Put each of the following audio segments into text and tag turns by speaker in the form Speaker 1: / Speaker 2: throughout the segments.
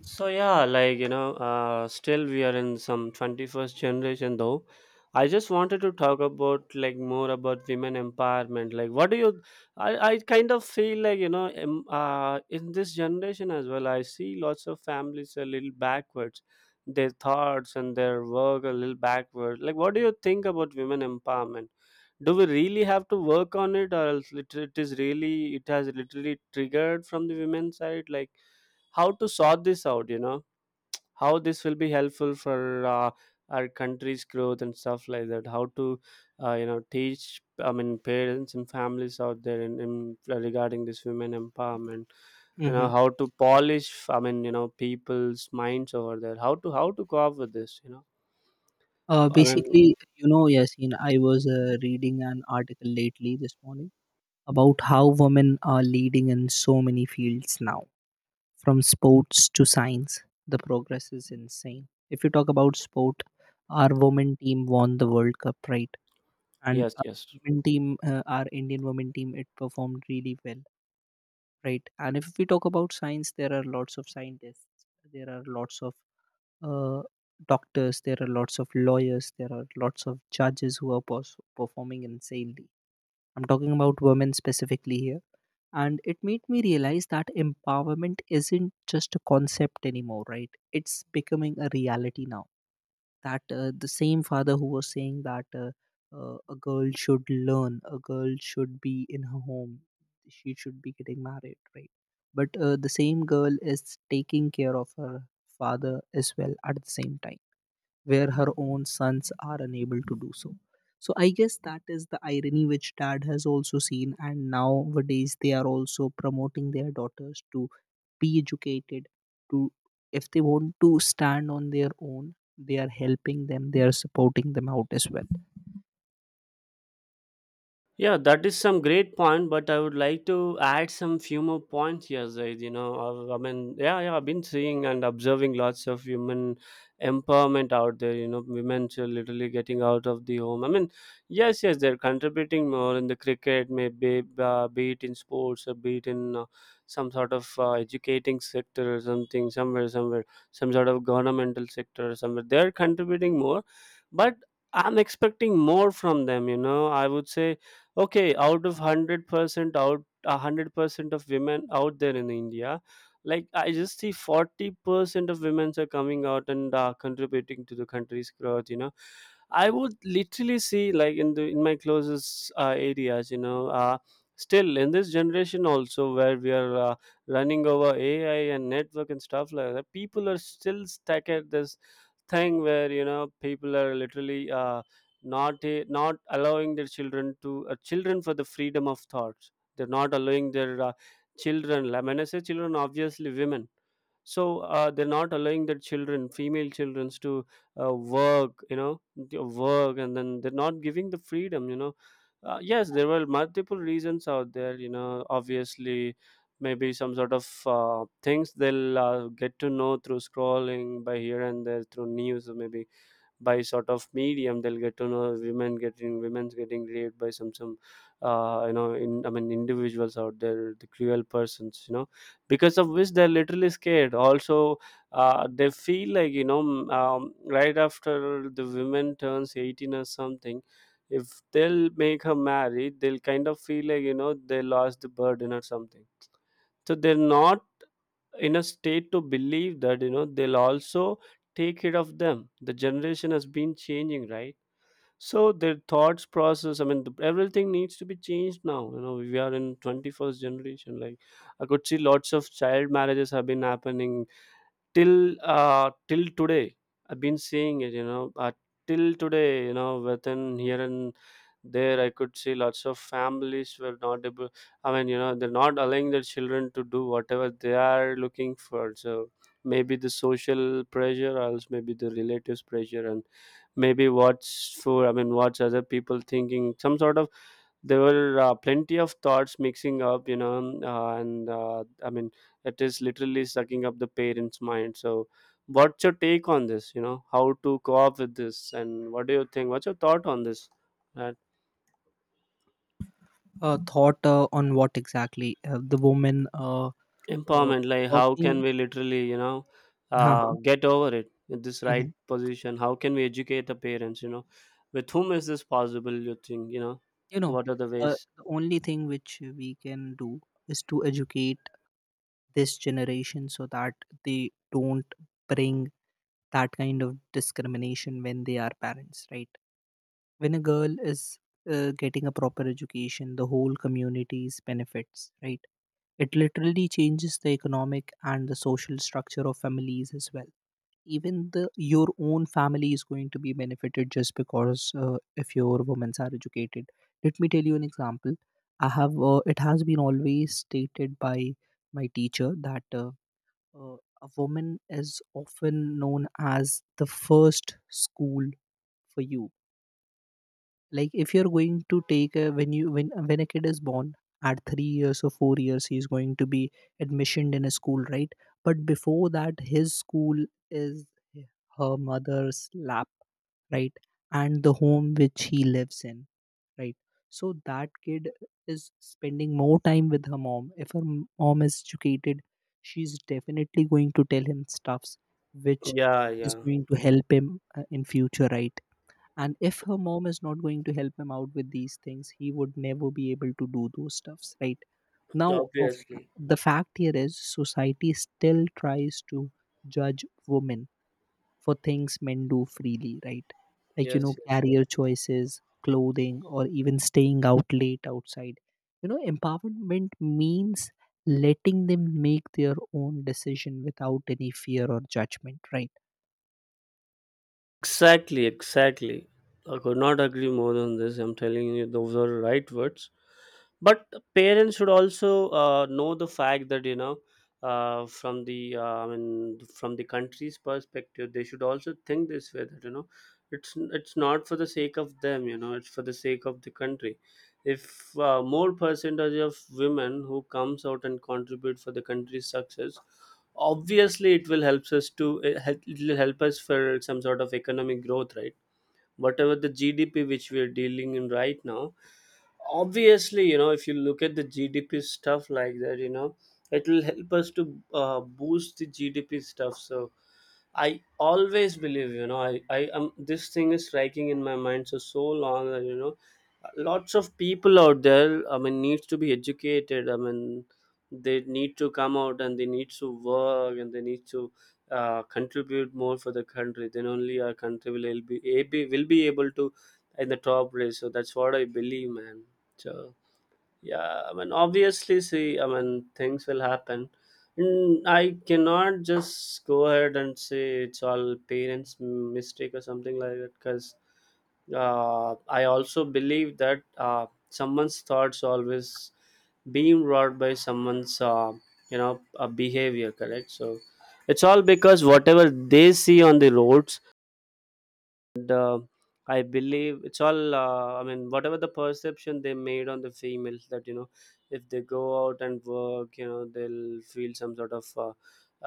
Speaker 1: So yeah, still we are in some 21st generation though. I just wanted to talk about, like, more about women empowerment. Like, what do you? I kind of feel like, in this generation as well, I see lots of families a little backwards. Their thoughts and their work a little backward. Like, what do you think about women empowerment? Do we really have to work on it, or else it is really it has literally triggered from the women's side? Like, how to sort this out, you know? How this will be helpful for our country's growth and stuff like that. How to teach, parents and families out there, in regarding this women empowerment, you know?
Speaker 2: Mm-hmm.
Speaker 1: How to polish, people's minds over there. How to how to go up with this,
Speaker 2: Uh,
Speaker 1: i mean
Speaker 2: basically, you know, Yasin, I was reading an article lately this morning about how women are leading in so many fields now, from sports to science. The progress is insane. If you talk about sport, our women team won the World Cup, right? And
Speaker 1: yes,
Speaker 2: our
Speaker 1: yes.
Speaker 2: women team, our Indian women team, it performed really well, right? And if we talk about science, there are lots of scientists. There are lots of uh, doctors, there are lots of lawyers, there are lots of judges who are performing insanely. I'm talking about women specifically here, and it made me realize that empowerment isn't just a concept anymore, right? It's becoming a reality now. That the same father who was saying that a girl should learn, a girl should be in her home, she should be getting married, right? But the same girl is taking care of her father as well at the same time, where her own sons are unable to do so. So I guess that is the irony which dad has also seen, and nowadays they are also promoting their daughters to be educated, to, if they want to stand on their own, they are helping them, they are supporting them out as well.
Speaker 1: Yeah, that is some great point, but I would like to add some few more points here, Zaid. You know, I mean, yeah, yeah, I've been seeing and observing lots of women empowerment out there. You know, women are literally getting out of the home. I mean, yes, yes, they're contributing more in the cricket, maybe be it in sports or be it in some sort of educating sector or something, somewhere, some sort of governmental sector or somewhere. They're contributing more, but I'm expecting more from them. You know, I would say okay, out of 100% out 100% of women out there in india, like, I just see 40% of women are coming out and contributing to the country's growth, you know. I would literally see like, in my closest areas, you know. Still in this generation also, where we are running over ai and network and stuff like that, people are still stuck at this thing where, you know, people are literally, not allowing their children to children for the freedom of thoughts. They're not allowing their children. I mean, I say children, obviously women. So they're not allowing their children, female children to work, you know. Work. And then they're not giving the freedom, you know. Yes, there were multiple reasons out there, you know. Obviously, maybe some sort of things they'll get to know through scrolling by here and there through news, or maybe by sort of medium they'll get to know women getting women's getting raped by some you know in individuals out there, the cruel persons, you know. Because of which, they're literally scared also. They feel like, you know, right after the women turns 18 or something, if they'll make her married, they'll kind of feel like, you know, they lost the burden or something. So they're not in a state to believe that, you know, they'll also take care of them. The generation has been changing, right? So their thoughts process, everything needs to be changed now. You know, we are in 21st generation. Like, I could see lots of child marriages have been happening till till today. I've been seeing it, you know. Till today, you know, within here and there, I could see lots of families were not able. I mean, you know, they're not allowing their children to do whatever they are looking for. So maybe the social pressure, or else maybe the relatives pressure, and maybe what's for I mean what's other people thinking, some sort of. There were plenty of thoughts mixing up, you know. And I mean It is literally sucking up the parents mind. So what's your take on this, you know? How to co-op with this, and what do you think, what's your thought on this that
Speaker 2: Thought on what exactly the woman uh,
Speaker 1: empowerment, like how can
Speaker 2: working.
Speaker 1: we literally, you know,
Speaker 2: Uh-huh.
Speaker 1: get over it in this
Speaker 2: Mm-hmm.
Speaker 1: right position? How can we educate the parents, you know? With whom is this possible, you think, you know?
Speaker 2: You know,
Speaker 1: What are the ways?
Speaker 2: the only thing which we can do is to educate this generation so that they don't bring that kind of discrimination when they are parents, right? When a girl is getting a proper education, the whole community's benefits, right? It literally changes the economic and the social structure of families as well. Even the your own family is going to be benefited just because if your women are educated. Let me tell you an example. I have. It has been always stated by my teacher that uh, a woman is often known as the first school for you. Like if you're going to take a, when you when a kid is born at 3 years or 4 years, he's going to be admissioned in a school, right? But before that, his school is her mother's lap, right? And the home which he lives in, right? So that kid is spending more time with her mom. If her mom is educated, she's definitely going to tell him stuffs which
Speaker 1: Yeah,
Speaker 2: is
Speaker 1: yeah.
Speaker 2: going to help him in future, right? And if her mom is not going to help him out with these things, he would never be able to do those stuffs, right? Now of
Speaker 1: Obviously.
Speaker 2: the fact here is society still tries to judge women for things men do freely, right? Like you know,
Speaker 1: Yes, yes.
Speaker 2: career choices, clothing, or even staying out late outside. You know, empowerment means letting them make their own decision without any fear or judgment, right?
Speaker 1: Exactly, exactly. I could not agree more on this. I'm telling you, those are right words. But parents should also know the fact that, you know, from the I mean, from the country's perspective, they should also think this way, that you know, it's not for the sake of them. You know, it's for the sake of the country. If more percentage of women who comes out and contribute for the country's success, obviously it will helps us to it will help us for some sort of economic growth, right? Whatever the gdp which we are dealing in right now, obviously, you know, if you look at the gdp stuff like that, you know, it will help us to boost the gdp stuff. So I always believe, you know, I am, this thing is striking in my mind so so long, and you know, lots of people out there, I mean, needs to be educated. I mean, they need to come out and they need to work and they need to contribute more for the country. Then only our country will be able, to in the top race. So that's what I believe, man. So yeah, I mean, obviously, see, I mean, things will happen, and I cannot just go ahead and say it's all parents mistake or something like that, because I also believe that someone's thoughts always being wrought by someone's, behavior, correct? So it's all because whatever they see on the roads, and I believe it's all, whatever the perception they made on the females that, you know, if they go out and work, you know, they'll feel some sort of uh,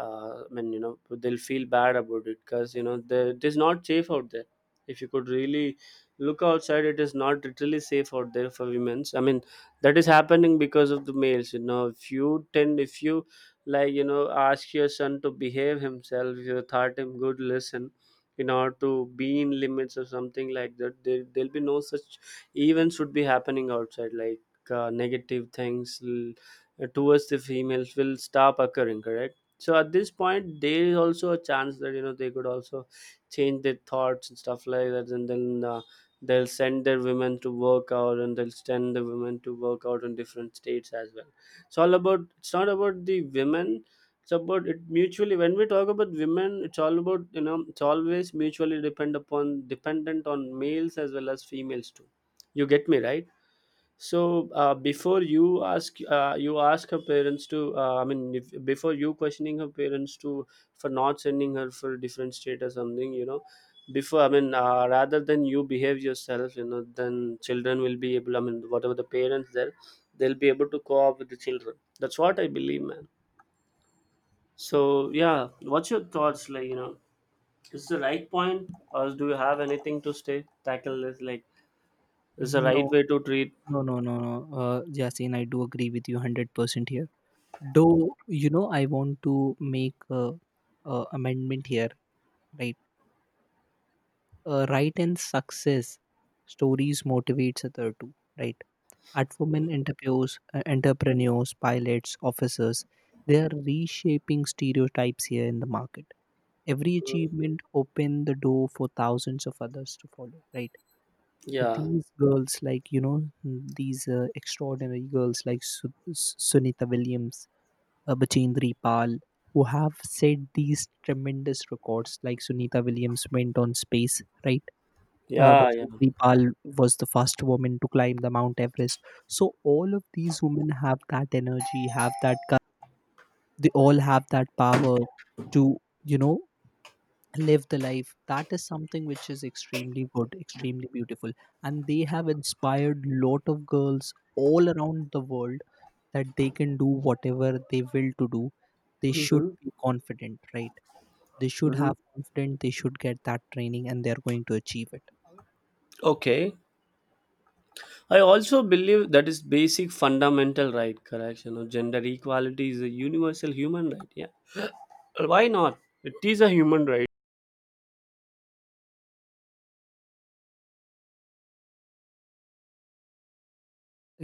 Speaker 1: uh, i mean you know, they'll feel bad about it, because you know, the, it is not safe out there. If you could really look outside, it is not literally safe out there for women's, I mean. That is happening because of the males, you know. If you tend, if you, like, you know, ask your son to behave himself, you taught him good lesson, in order to be in limits or something like that, there'll be no such events should be happening outside, like negative things, towards the females will stop occurring, correct? So at this point, there is also a chance that, you know, they could also change their thoughts and stuff like that, and then they'll send their women to work out, and they'll send the women to work out in different states as well. It's all about it's not about the women. It's about, it mutually, when we talk about women, it's all about, you know, it's always mutually depend upon dependent on males as well as females too. You get me right? So before you ask, you ask her parents to, I mean if, before you questioning her parents to for not sending her for different state or something, you know. Before, I mean, rather than you behave yourself, you know, then children will be able, I mean, whatever the parents there, they'll be able to co-op with the children. That's what I believe, man. So yeah, what's your thoughts? Like, you know, is the right point, or do you have anything to stay tackle this? Like, is the
Speaker 2: no
Speaker 1: right way to treat?
Speaker 2: No, no, no, no. Yasin, I do agree with you 100% here. Though, you know, I want to make a amendment here, right? Right and success stories motivates other too, right? At women interviews, entrepreneurs, pilots, officers, they are reshaping stereotypes here in the market. Every
Speaker 1: Mm,
Speaker 2: achievement open the door for thousands of others to follow, right?
Speaker 1: yeah,
Speaker 2: These girls, like you know, these extraordinary girls like Sunita Williams, Bachendri Pal, who have set these tremendous records. Like Sunita Williams went on space, right?
Speaker 1: yeah, yeah.
Speaker 2: Bachendri Pal was the first woman to climb the Mount Everest. So all of these women have that energy, have that they all have that power to, you know, live the life. That is something which is extremely good, extremely beautiful, and they have inspired lot of girls all around the world, that they can do whatever they will to do. They should
Speaker 1: Mm-hmm.
Speaker 2: be confident, right? They should
Speaker 1: Mm-hmm.
Speaker 2: have confidence, they should get that training, and they are going to achieve it.
Speaker 1: Okay. I also believe that is basic fundamental right. Correct. You know, gender equality is a universal human right. Yeah. Why not? It is a human right.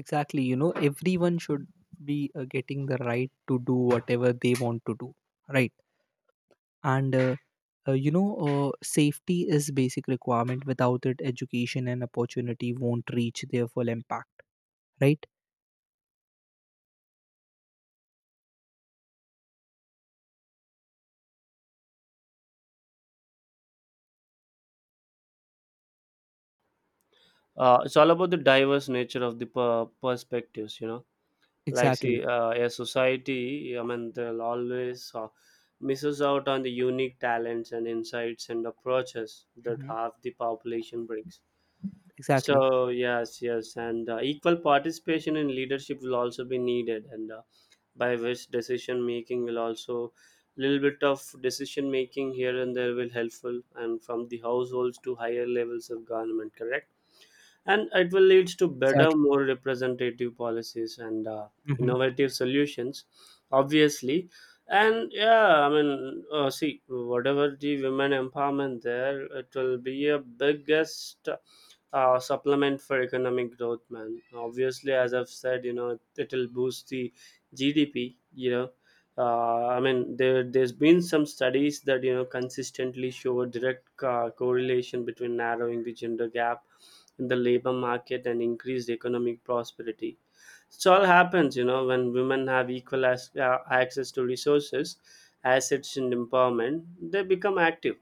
Speaker 2: Exactly, you know, everyone should be getting the right to do whatever they want to do, right? And you know, safety is basic requirement. Without it, education and opportunity won't reach their full impact, right?
Speaker 1: It's all about the diverse nature of the perspectives. You know, like,
Speaker 2: Exactly.
Speaker 1: see, a society, I mean, they'll always misses out on the unique talents and insights and approaches that
Speaker 2: Hmm.
Speaker 1: half the population brings.
Speaker 2: Exactly.
Speaker 1: So yes, yes, and equal participation in leadership will also be needed, and by which decision making will also, little bit of decision making here and there will helpful, and from the households to higher levels of government, correct? And it will lead to better,
Speaker 2: Exactly.
Speaker 1: more representative policies, and
Speaker 2: Hmm.
Speaker 1: innovative solutions. Obviously. And yeah, I mean, see, whatever the women empowerment there, it will be a biggest supplement for economic growth, man. Obviously, as I've said, you know, it'll boost the GDP. You know, I mean, there's been some studies that, you know, consistently show a direct correlation between narrowing the gender gap in the labor market and increased economic prosperity. It all happens, you know, when women have equal access to resources, assets, and empowerment. They become active,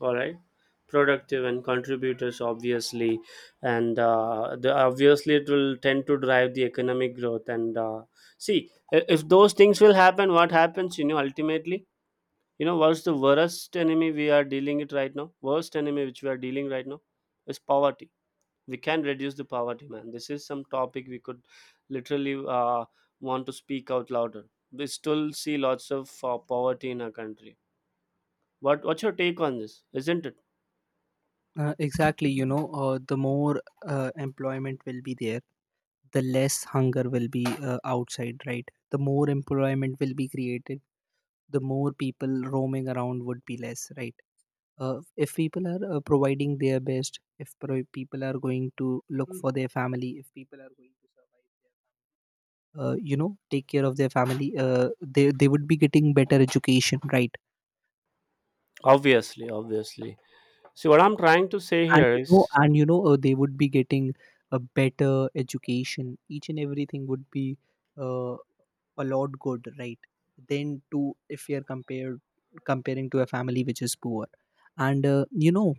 Speaker 1: all right, productive and contributors, obviously. And the obviously it will tend to drive the economic growth, and see, if those things will happen, what happens, you know, ultimately, you know, what's the worst enemy we are dealing it right now? Worst enemy which we are dealing right now is poverty. We can reduce the poverty, man. This is some topic we could literally want to speak out louder. We still see lots of poverty in our country. What's your take on this, isn't it?
Speaker 2: Exactly, you know, the more employment will be there, the less hunger will be outside, right? The more employment will be created, the more people roaming around would be less, right? If people are providing their best, if people are going to look for their family, if people are going to survive their you know, take care of their family, they would be getting better education, right?
Speaker 1: Obviously, obviously. See, what I'm trying to say
Speaker 2: And
Speaker 1: here
Speaker 2: you know,
Speaker 1: is.
Speaker 2: and you know, they would be getting a better education. Each and everything would be uh, a lot good, right? Then to if you're compared comparing to a family which is poor. And you know,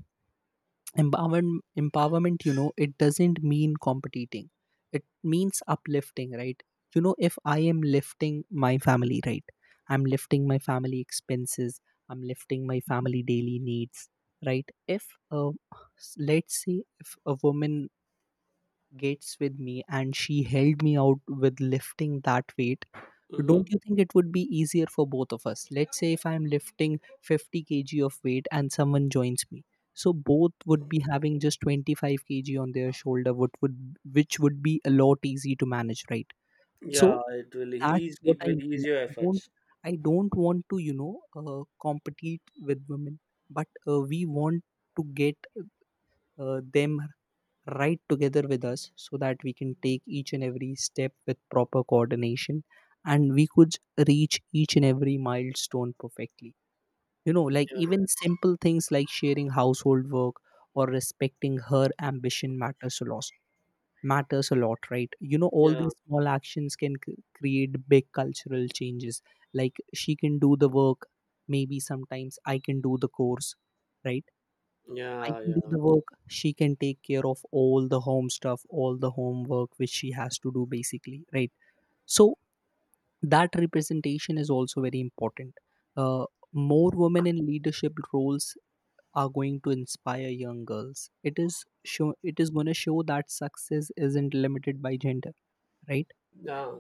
Speaker 2: empowerment, you know, it doesn't mean competing, it means uplifting, right? You know, if I am lifting my family, right? I'm lifting my family expenses, I'm lifting my family daily needs, right? if s- Let's say if a woman gets with me and she held me out with lifting that weight, don't
Speaker 1: Mhm.
Speaker 2: you think it would be easier for both of us? Let's say if I'm lifting 50 kg of weight and someone joins me, so both would be having just 25 kg on their shoulder, what would which would be a lot easy to manage, right? So
Speaker 1: Yeah, it will
Speaker 2: that's
Speaker 1: ease
Speaker 2: what
Speaker 1: it
Speaker 2: I
Speaker 1: will
Speaker 2: mean.
Speaker 1: ease your
Speaker 2: I don't.
Speaker 1: efforts.
Speaker 2: I don't want to, you know, compete with women, but we want to get them right together with us, so that we can take each and every step with proper coordination, and we could reach each and every milestone perfectly. You know, like
Speaker 1: Yeah,
Speaker 2: even simple things like sharing household work or respecting her ambition matters a lot. Matters a lot, right? You know, all
Speaker 1: yeah,
Speaker 2: these small actions can create big cultural changes. Like she can do the work, maybe sometimes I can do the course, right? I
Speaker 1: yeah,
Speaker 2: can do
Speaker 1: yeah,
Speaker 2: the work, she can take care of all the home stuff, all the homework which she has to do, basically, right? So that representation is also very important. Uh, More women in leadership roles are going to inspire young girls. It is show. It is going to show that success isn't limited by gender, right?
Speaker 1: yeah,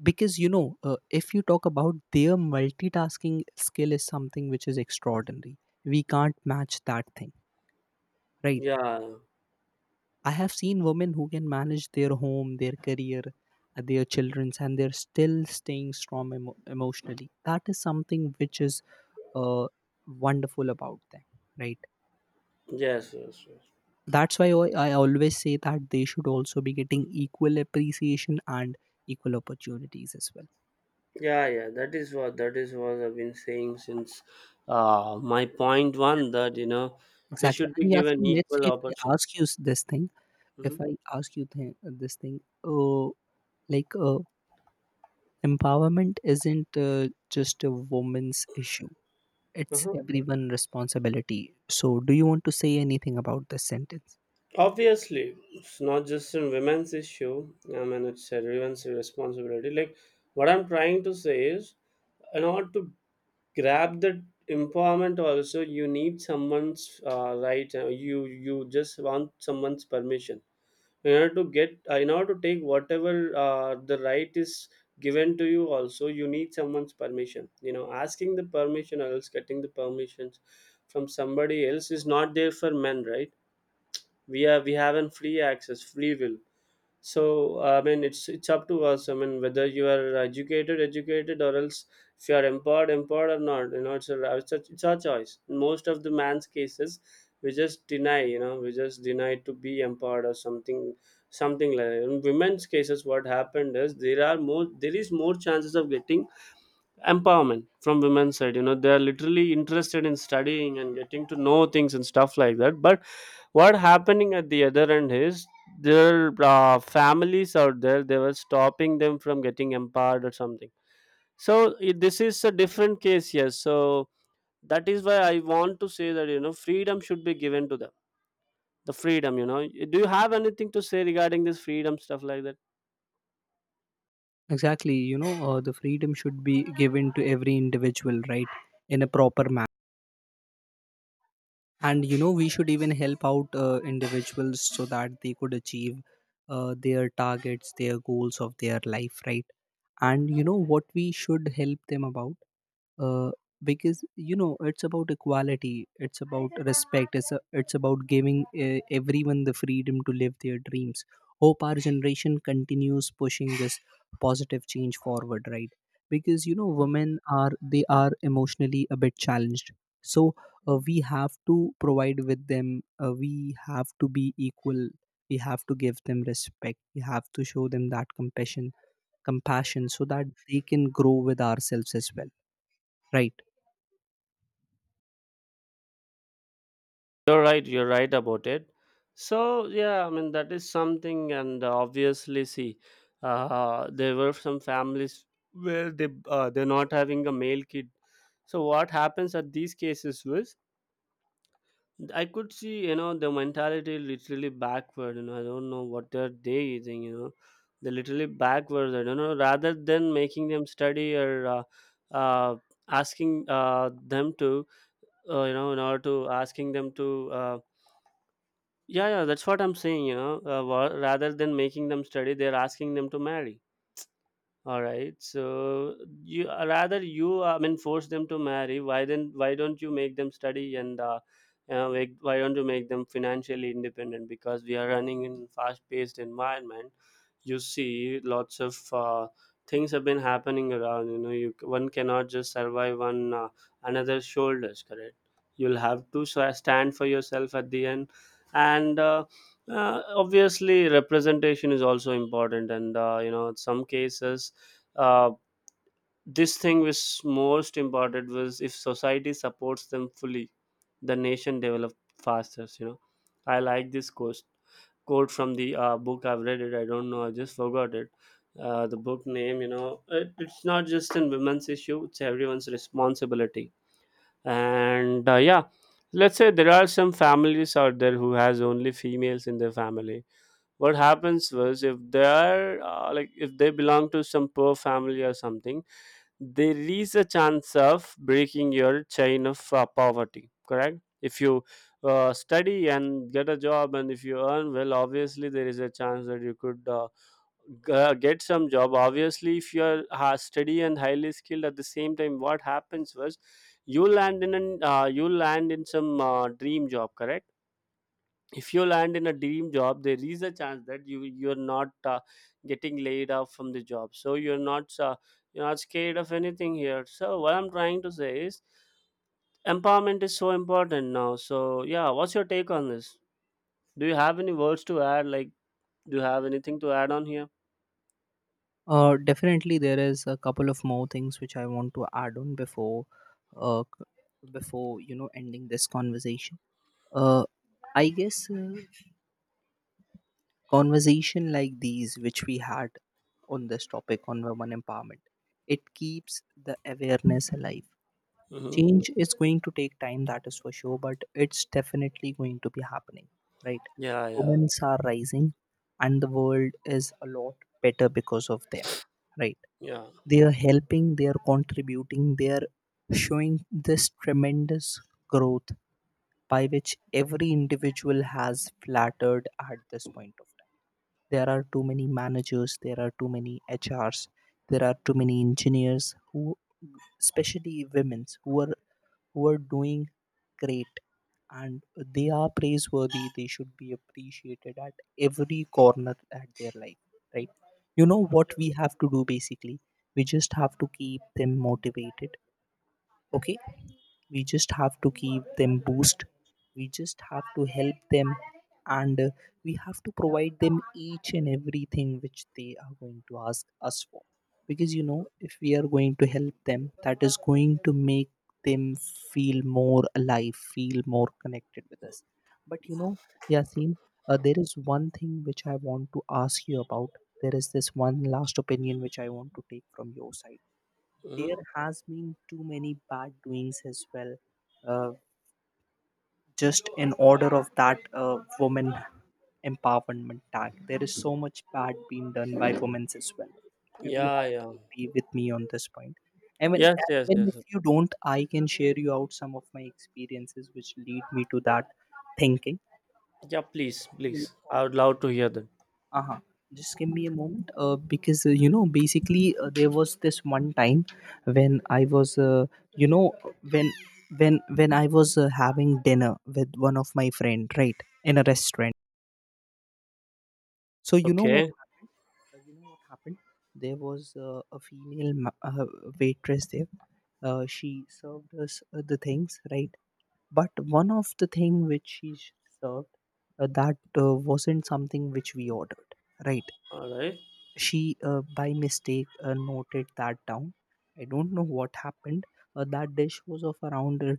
Speaker 2: Because you know, if you talk about their multitasking skill is something which is extraordinary. We can't match that thing, right?
Speaker 1: yeah.
Speaker 2: I have seen women who can manage their home, their career, their children's, and they're still staying strong emotionally. That is something which is uh, wonderful about them, right?
Speaker 1: Yes, yes, yes.
Speaker 2: That's why I always say that they should also be getting equal appreciation and equal opportunities as well.
Speaker 1: Yeah, yeah. That is what I've been saying since my point one,
Speaker 2: Exactly.
Speaker 1: that, you know, they
Speaker 2: Exactly.
Speaker 1: should be
Speaker 2: And
Speaker 1: given
Speaker 2: Yasin, let's
Speaker 1: equal
Speaker 2: say if I
Speaker 1: opportunity.
Speaker 2: ask you this thing, if I ask you this thing, uh, like empowerment isn't just a woman's issue. It's everyone responsibility. So, do you want to say anything about this sentence?
Speaker 1: Obviously, it's not just a women's issue. I mean, it's everyone's responsibility. Like, what I'm trying to say is, in order to grab that empowerment, also you need someone's, right. You just want someone's permission in order to get in order to take whatever the right is given to you. Also, you need someone's permission. You know, asking the permission or else getting the permissions from somebody else is not there for men, right? We have an free access, free will. So, I mean, it's up to us. I mean, whether you are educated or else if you are empowered or not, you know, it's our choice. In most of the man's cases, we just deny. You know, we just deny to be empowered or something, something like that. In women's cases, what happened is, there is more chances of getting empowerment from women's side. You know, they are literally interested in studying and getting to know things and stuff like that. But what happening at the other end is, their families out there, they were stopping them from getting empowered or something. So, this is a different case, yes. So, that is why I want to say that, you know, freedom should be given to them, the freedom, you know. Do you have anything to say regarding this freedom stuff like that?
Speaker 2: Exactly, you know, the freedom should be given to every individual, right, in a proper manner. And you know, we should even help out individuals so that they could achieve their targets, their goals of their life, right? And you know what we should help them about. uh, because you know, it's about equality, it's about respect, it's about giving everyone the freedom to live their dreams. Hope our generation continues pushing this positive change forward, right? Because you know, women are, they are emotionally a bit challenged. So we have to provide with them, we have to be equal, we have to give them respect, we have to show them that compassion, so that they can grow with ourselves as well, right?
Speaker 1: You're right about it. So, yeah, I mean, that is something. And obviously, see, there were some families where they're not having a male kid. So, what happens at these cases was, I could see, you know, the mentality literally backward. You know, I don't know what they're they using, you know, they're literally backwards, I don't know, rather than making them study or, uh, asking, them to, you know, in order to asking them to. Yeah, yeah, that's what I'm saying, you know, rather than making them study, they're asking them to marry. All right. So, you rather you, I mean, force them to marry. Why then? Why don't you make them study and why don't you make them financially independent? Because we are running in fast-paced environment. You see, lots of things have been happening around. You know, you one cannot just survive on another's shoulders. Correct. You'll have to stand for yourself at the end, and. Obviously representation is also important, and you know, in some cases, uh, this thing was most important was, if society supports them fully, the nation develop faster, you know. I like this quote from the book I've read. It, I don't know, I just forgot it, the book name. You know, it's not just in women's issue, it's everyone's responsibility. And yeah, let's say there are some families out there who has only females in their family. What happens was, if they are, like, if they belong to some poor family or something, there is a chance of breaking your chain of poverty, correct. If you study and get a job and if you earn well, obviously there is a chance that you could, get some job. Obviously, if you are steady and highly skilled at the same time, what happens was, you land in some dream job, correct. If you land in a dream job, there is a chance that you're not getting laid off from the job, so you're not scared of anything here. So, what I'm trying to say is, empowerment is so important now. So, yeah, what's your take on this? Do you have any words to add, like, do you have anything to add on here?
Speaker 2: Definitely, there is a couple of more things which I want to add on before, before you know ending this conversation. Uh, I guess conversation like these, which we had on this topic on women empowerment, it keeps the awareness alive.
Speaker 1: Mm-hmm.
Speaker 2: Change is going to take time, that is for sure, but it's definitely going to be happening, right?
Speaker 1: Yeah, yeah,
Speaker 2: Women are rising, and the world is a lot better because of them, right?
Speaker 1: yeah.
Speaker 2: They are helping, they are contributing, they are showing this tremendous growth by which every individual has flattered at this point of time. There are too many managers, there are too many HRs, there are too many engineers who, especially women's, who are doing great, and they are praiseworthy. They should be appreciated at every corner at their life, right? You know what we have to do basically. We just have to keep them motivated. Okay, we just have to give them boost. We just have to help them, and we have to provide them each and everything which they are going to ask us for, because if we are going to help them, that is going to make them feel more alive, feel more connected with us. But Yasin, there is one thing which I want to ask you about. There is this one last opinion which I want to take from your side. There
Speaker 1: Mm-hmm.
Speaker 2: has been too many bad doings as well. uh, just in order of that woman empowerment tag, there is so much bad being done by women as well. You do
Speaker 1: Yeah,
Speaker 2: have
Speaker 1: yeah.
Speaker 2: to agree with me on this point. I mean,
Speaker 1: Yes, yes,
Speaker 2: even
Speaker 1: yes.
Speaker 2: if you don't, I can share you out some of my experiences which lead me to that thinking
Speaker 1: Yeah, please,
Speaker 2: you
Speaker 1: please,
Speaker 2: know,
Speaker 1: I would love to hear that.
Speaker 2: Uh-huh. Just give me a moment, because basically, there was this one time when I was, you know, when when I was having dinner with one of my friend, right, in a restaurant. So you know what
Speaker 1: Okay.
Speaker 2: happened? You know what happened? There was a female waitress there. She served us the things, right? But one of the thing which she served, that wasn't something which we ordered, right?
Speaker 1: All right,
Speaker 2: She by mistake noted that down. I don't know what happened. That dish was of around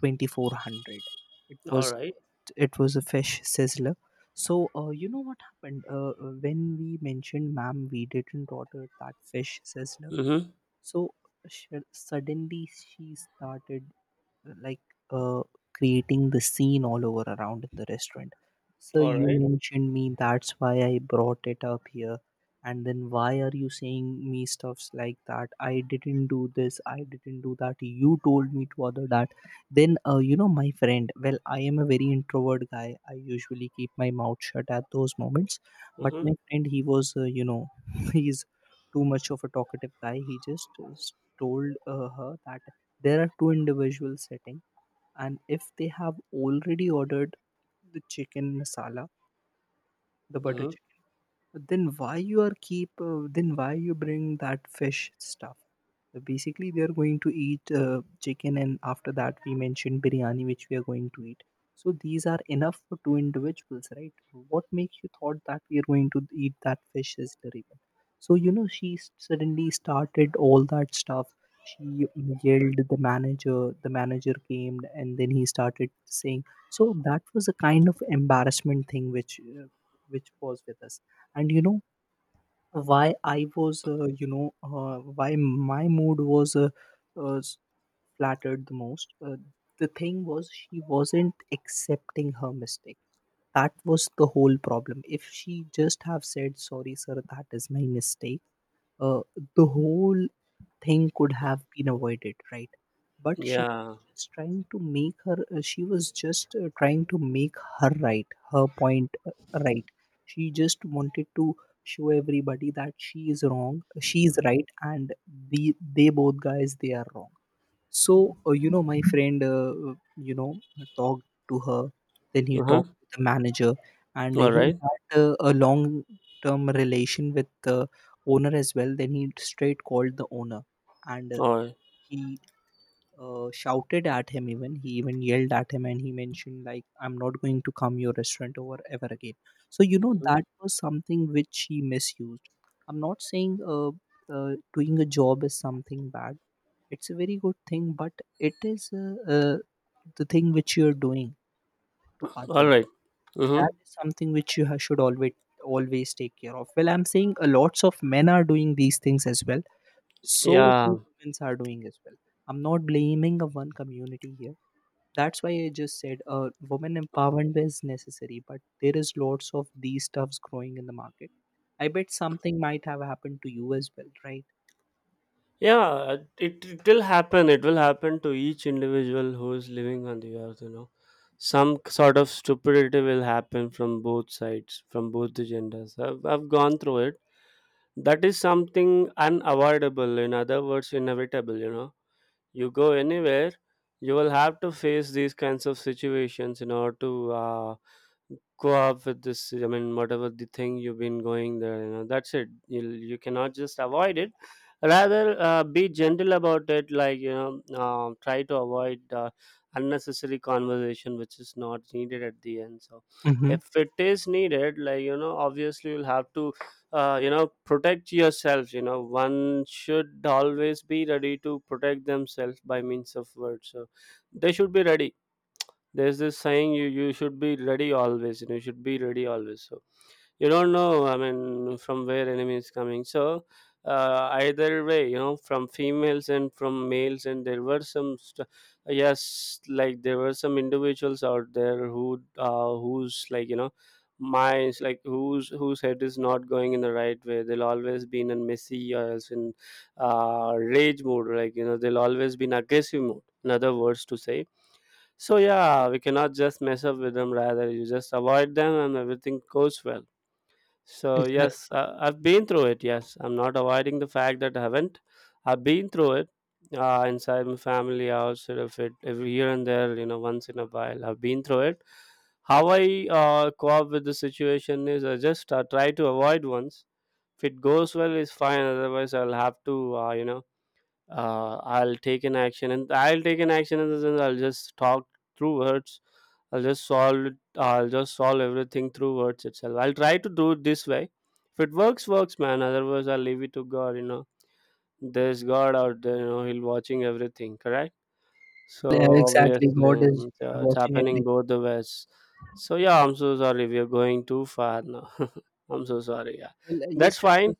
Speaker 2: 2400. it
Speaker 1: all
Speaker 2: was
Speaker 1: right.
Speaker 2: uh, it was a fish sizzler. So you know what happened? When we mentioned, "Ma'am, we didn't order that fish sizzler,"
Speaker 1: Mm-hmm.
Speaker 2: so suddenly she started, like, uh, creating the scene all over around in the restaurant. So
Speaker 1: All
Speaker 2: you
Speaker 1: right.
Speaker 2: mentioned me, that's why I brought it up here. And then why are you saying me stuffs like that? I didn't do this, I didn't do that. You told me to other that. Then, my friend, well, I am a very introvert guy. I usually keep my mouth shut at those moments. But
Speaker 1: Mm-hmm.
Speaker 2: my friend, he was, he's too much of a talkative guy. He just told her that there are two individuals sitting, and if they have already ordered the chicken masala, the butter
Speaker 1: Mm-hmm.
Speaker 2: chicken, then why you are keep? Then why you bring that fish stuff? So basically, we are going to eat chicken, and after that, we mentioned biryani, which we are going to eat. So these are enough for two individuals, right? What makes you thought that we are going to eat that fish is the— So she suddenly started all that stuff. She yelled the manager. The manager came, and then he started saying. So that was a kind of embarrassment thing which was with us. And why I was you know why my mood was uh, s- flattered the most, the thing was, she wasn't accepting her mistake. That was the whole problem. If she just have said, "Sorry sir, that is my mistake," uh, the whole thing could have been avoided, right? But she
Speaker 1: Yeah.
Speaker 2: was just trying to make her she was just trying to make her right, her point, right. She just wanted to show everybody that she is right, and they both guys, they are wrong. So, my friend, talked to her, then he talked
Speaker 1: Mm-hmm.
Speaker 2: to the manager, and
Speaker 1: All
Speaker 2: he
Speaker 1: right.
Speaker 2: had a long term relation with the owner as well. Then he straight called the owner, and
Speaker 1: All right.
Speaker 2: he shouted at him, even he even yelled at him, and he mentioned, like, "I'm not going to come your restaurant over ever again." So
Speaker 1: Mhm.
Speaker 2: that was something which he misused. I'm not saying doing a job is something bad, it's a very good thing. But it is the thing which you're doing to
Speaker 1: All
Speaker 2: others,
Speaker 1: right.
Speaker 2: that
Speaker 1: Mm-hmm.
Speaker 2: is something which you should always, always take care of. Well, I'm saying a lots of men are doing these things as well, so few
Speaker 1: Yeah.
Speaker 2: women are doing as well. I'm not blaming a one community here. That's why I just said, women empowerment is necessary, but there is lots of these stuffs growing in the market. I bet something might have happened to you as well, right?
Speaker 1: Yeah, it will happen to each individual who is living on the earth, you know. Some sort of stupidity will happen from both sides, from both the genders. I've gone through it. That is something unavoidable, in other words inevitable, you know. You go anywhere, you will have to face these kinds of situations in order to go up with this. I mean, whatever the thing you've been going there, you know, that's it. You cannot just avoid it, rather, be gentle about it, like, you know, try to avoid unnecessary conversation which is not needed at the end. So,
Speaker 2: Mm-hmm.
Speaker 1: if it is needed, like, you know, obviously you'll have to, you know, protect yourself. You know, one should always be ready to protect themselves by means of words, so they should be ready. There's this saying, you should be ready always, you know, you should be ready always. So, you don't know, I mean, from where enemy is coming. So, either way, you know, from females and from males. And there were some, yes, like there were some individuals out there who, who's like, you know, minds, like, whose head is not going in the right way. They'll always be in a messy or else in rage mode, like, you know, they'll always be in aggressive mode, in other words to say. So, yeah, we cannot just mess up with them, rather you just avoid them and everything goes well. So,
Speaker 2: Exactly.
Speaker 1: yes, I've been through it. Yes, I'm not avoiding the fact that I haven't. I've been through it, inside my family, outside of it, every here and there. You know, once in a while, I've been through it. How I cope with the situation is, I just try to avoid once. If it goes well, it's fine. Otherwise, I'll have to. You know, I'll take an action, and I'll take an action in the sense, I'll just talk through words. I'll just solve it. I'll just solve everything through words itself. I'll try to do it this way. If it works, works, man. Otherwise, I'll leave it to God. You know, there's God out there. You know, He'll watching everything. Correct. So,
Speaker 2: Exactly.
Speaker 1: obviously,
Speaker 2: God is
Speaker 1: it's
Speaker 2: watching
Speaker 1: happening
Speaker 2: everything.
Speaker 1: both the ways. So, yeah, I'm so sorry. We are going too far now. I'm so sorry. Yeah,
Speaker 2: Well, yes,
Speaker 1: that's
Speaker 2: it
Speaker 1: fine.
Speaker 2: was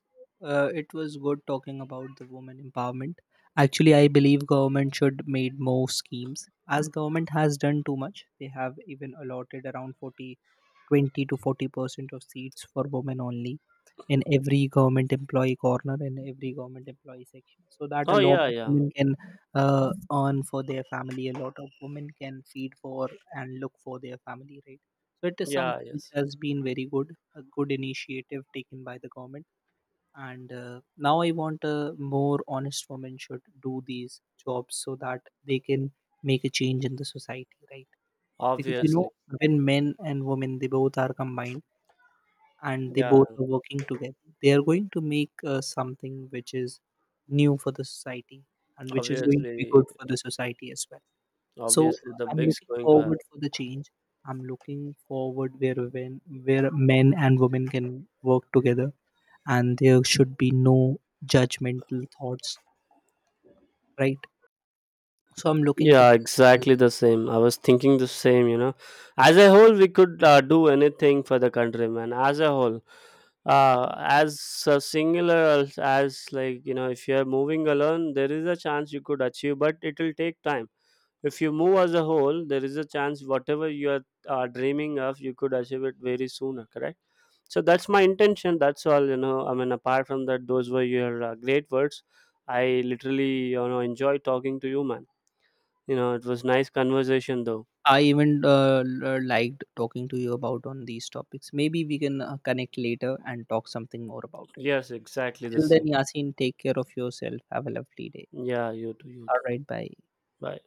Speaker 2: uh, it was good talking about the women empowerment. Actually, I believe government should made more schemes, as government has done too much. They have even allotted around 40 20 to 40% of seats for women only in every government employee corner and every government employee section, so that a
Speaker 1: Oh,
Speaker 2: lot
Speaker 1: yeah,
Speaker 2: of
Speaker 1: yeah,
Speaker 2: women can earn for their family, a lot of women can feed for and look for their family, right? So it is
Speaker 1: yeah.
Speaker 2: something which
Speaker 1: Yes,
Speaker 2: has been very good, a good initiative taken by the government. And now I want more honest women should do these jobs, so that they can make a change in the society, right? Because
Speaker 1: obviously.
Speaker 2: when men and women, they both are combined and they
Speaker 1: Yeah,
Speaker 2: both are working together, they are going to make something which is new for the society and which is going to be
Speaker 1: obviously,
Speaker 2: good for the society as well. So
Speaker 1: obviously, the
Speaker 2: I'm
Speaker 1: big's
Speaker 2: looking
Speaker 1: going to
Speaker 2: forward
Speaker 1: happen.
Speaker 2: for the change, I'm looking forward where men and women can work together, and there should be no judgmental thoughts, right? So I'm looking for
Speaker 1: Yeah,
Speaker 2: that moment.
Speaker 1: exactly the same. I was thinking the same, you know. As a whole, we could do anything for the country, man. As a whole, as a singular, as like, you know, if you're moving alone, there is a chance you could achieve, but it will take time. If you move as a whole, there is a chance whatever you are dreaming of, you could achieve it very sooner, correct? So that's my intention. That's all, you know. I mean, apart from that, those were your great words. I literally, you know, enjoy talking to you, man. You know, it was nice conversation though.
Speaker 2: I even liked talking to you about on these topics. Maybe we can connect later and talk something more about it.
Speaker 1: Yes, exactly the
Speaker 2: Till then,
Speaker 1: same.
Speaker 2: Yasin, take care of yourself. Have a lovely day.
Speaker 1: Yeah, you too, you
Speaker 2: All
Speaker 1: too.
Speaker 2: right, bye.
Speaker 1: Bye.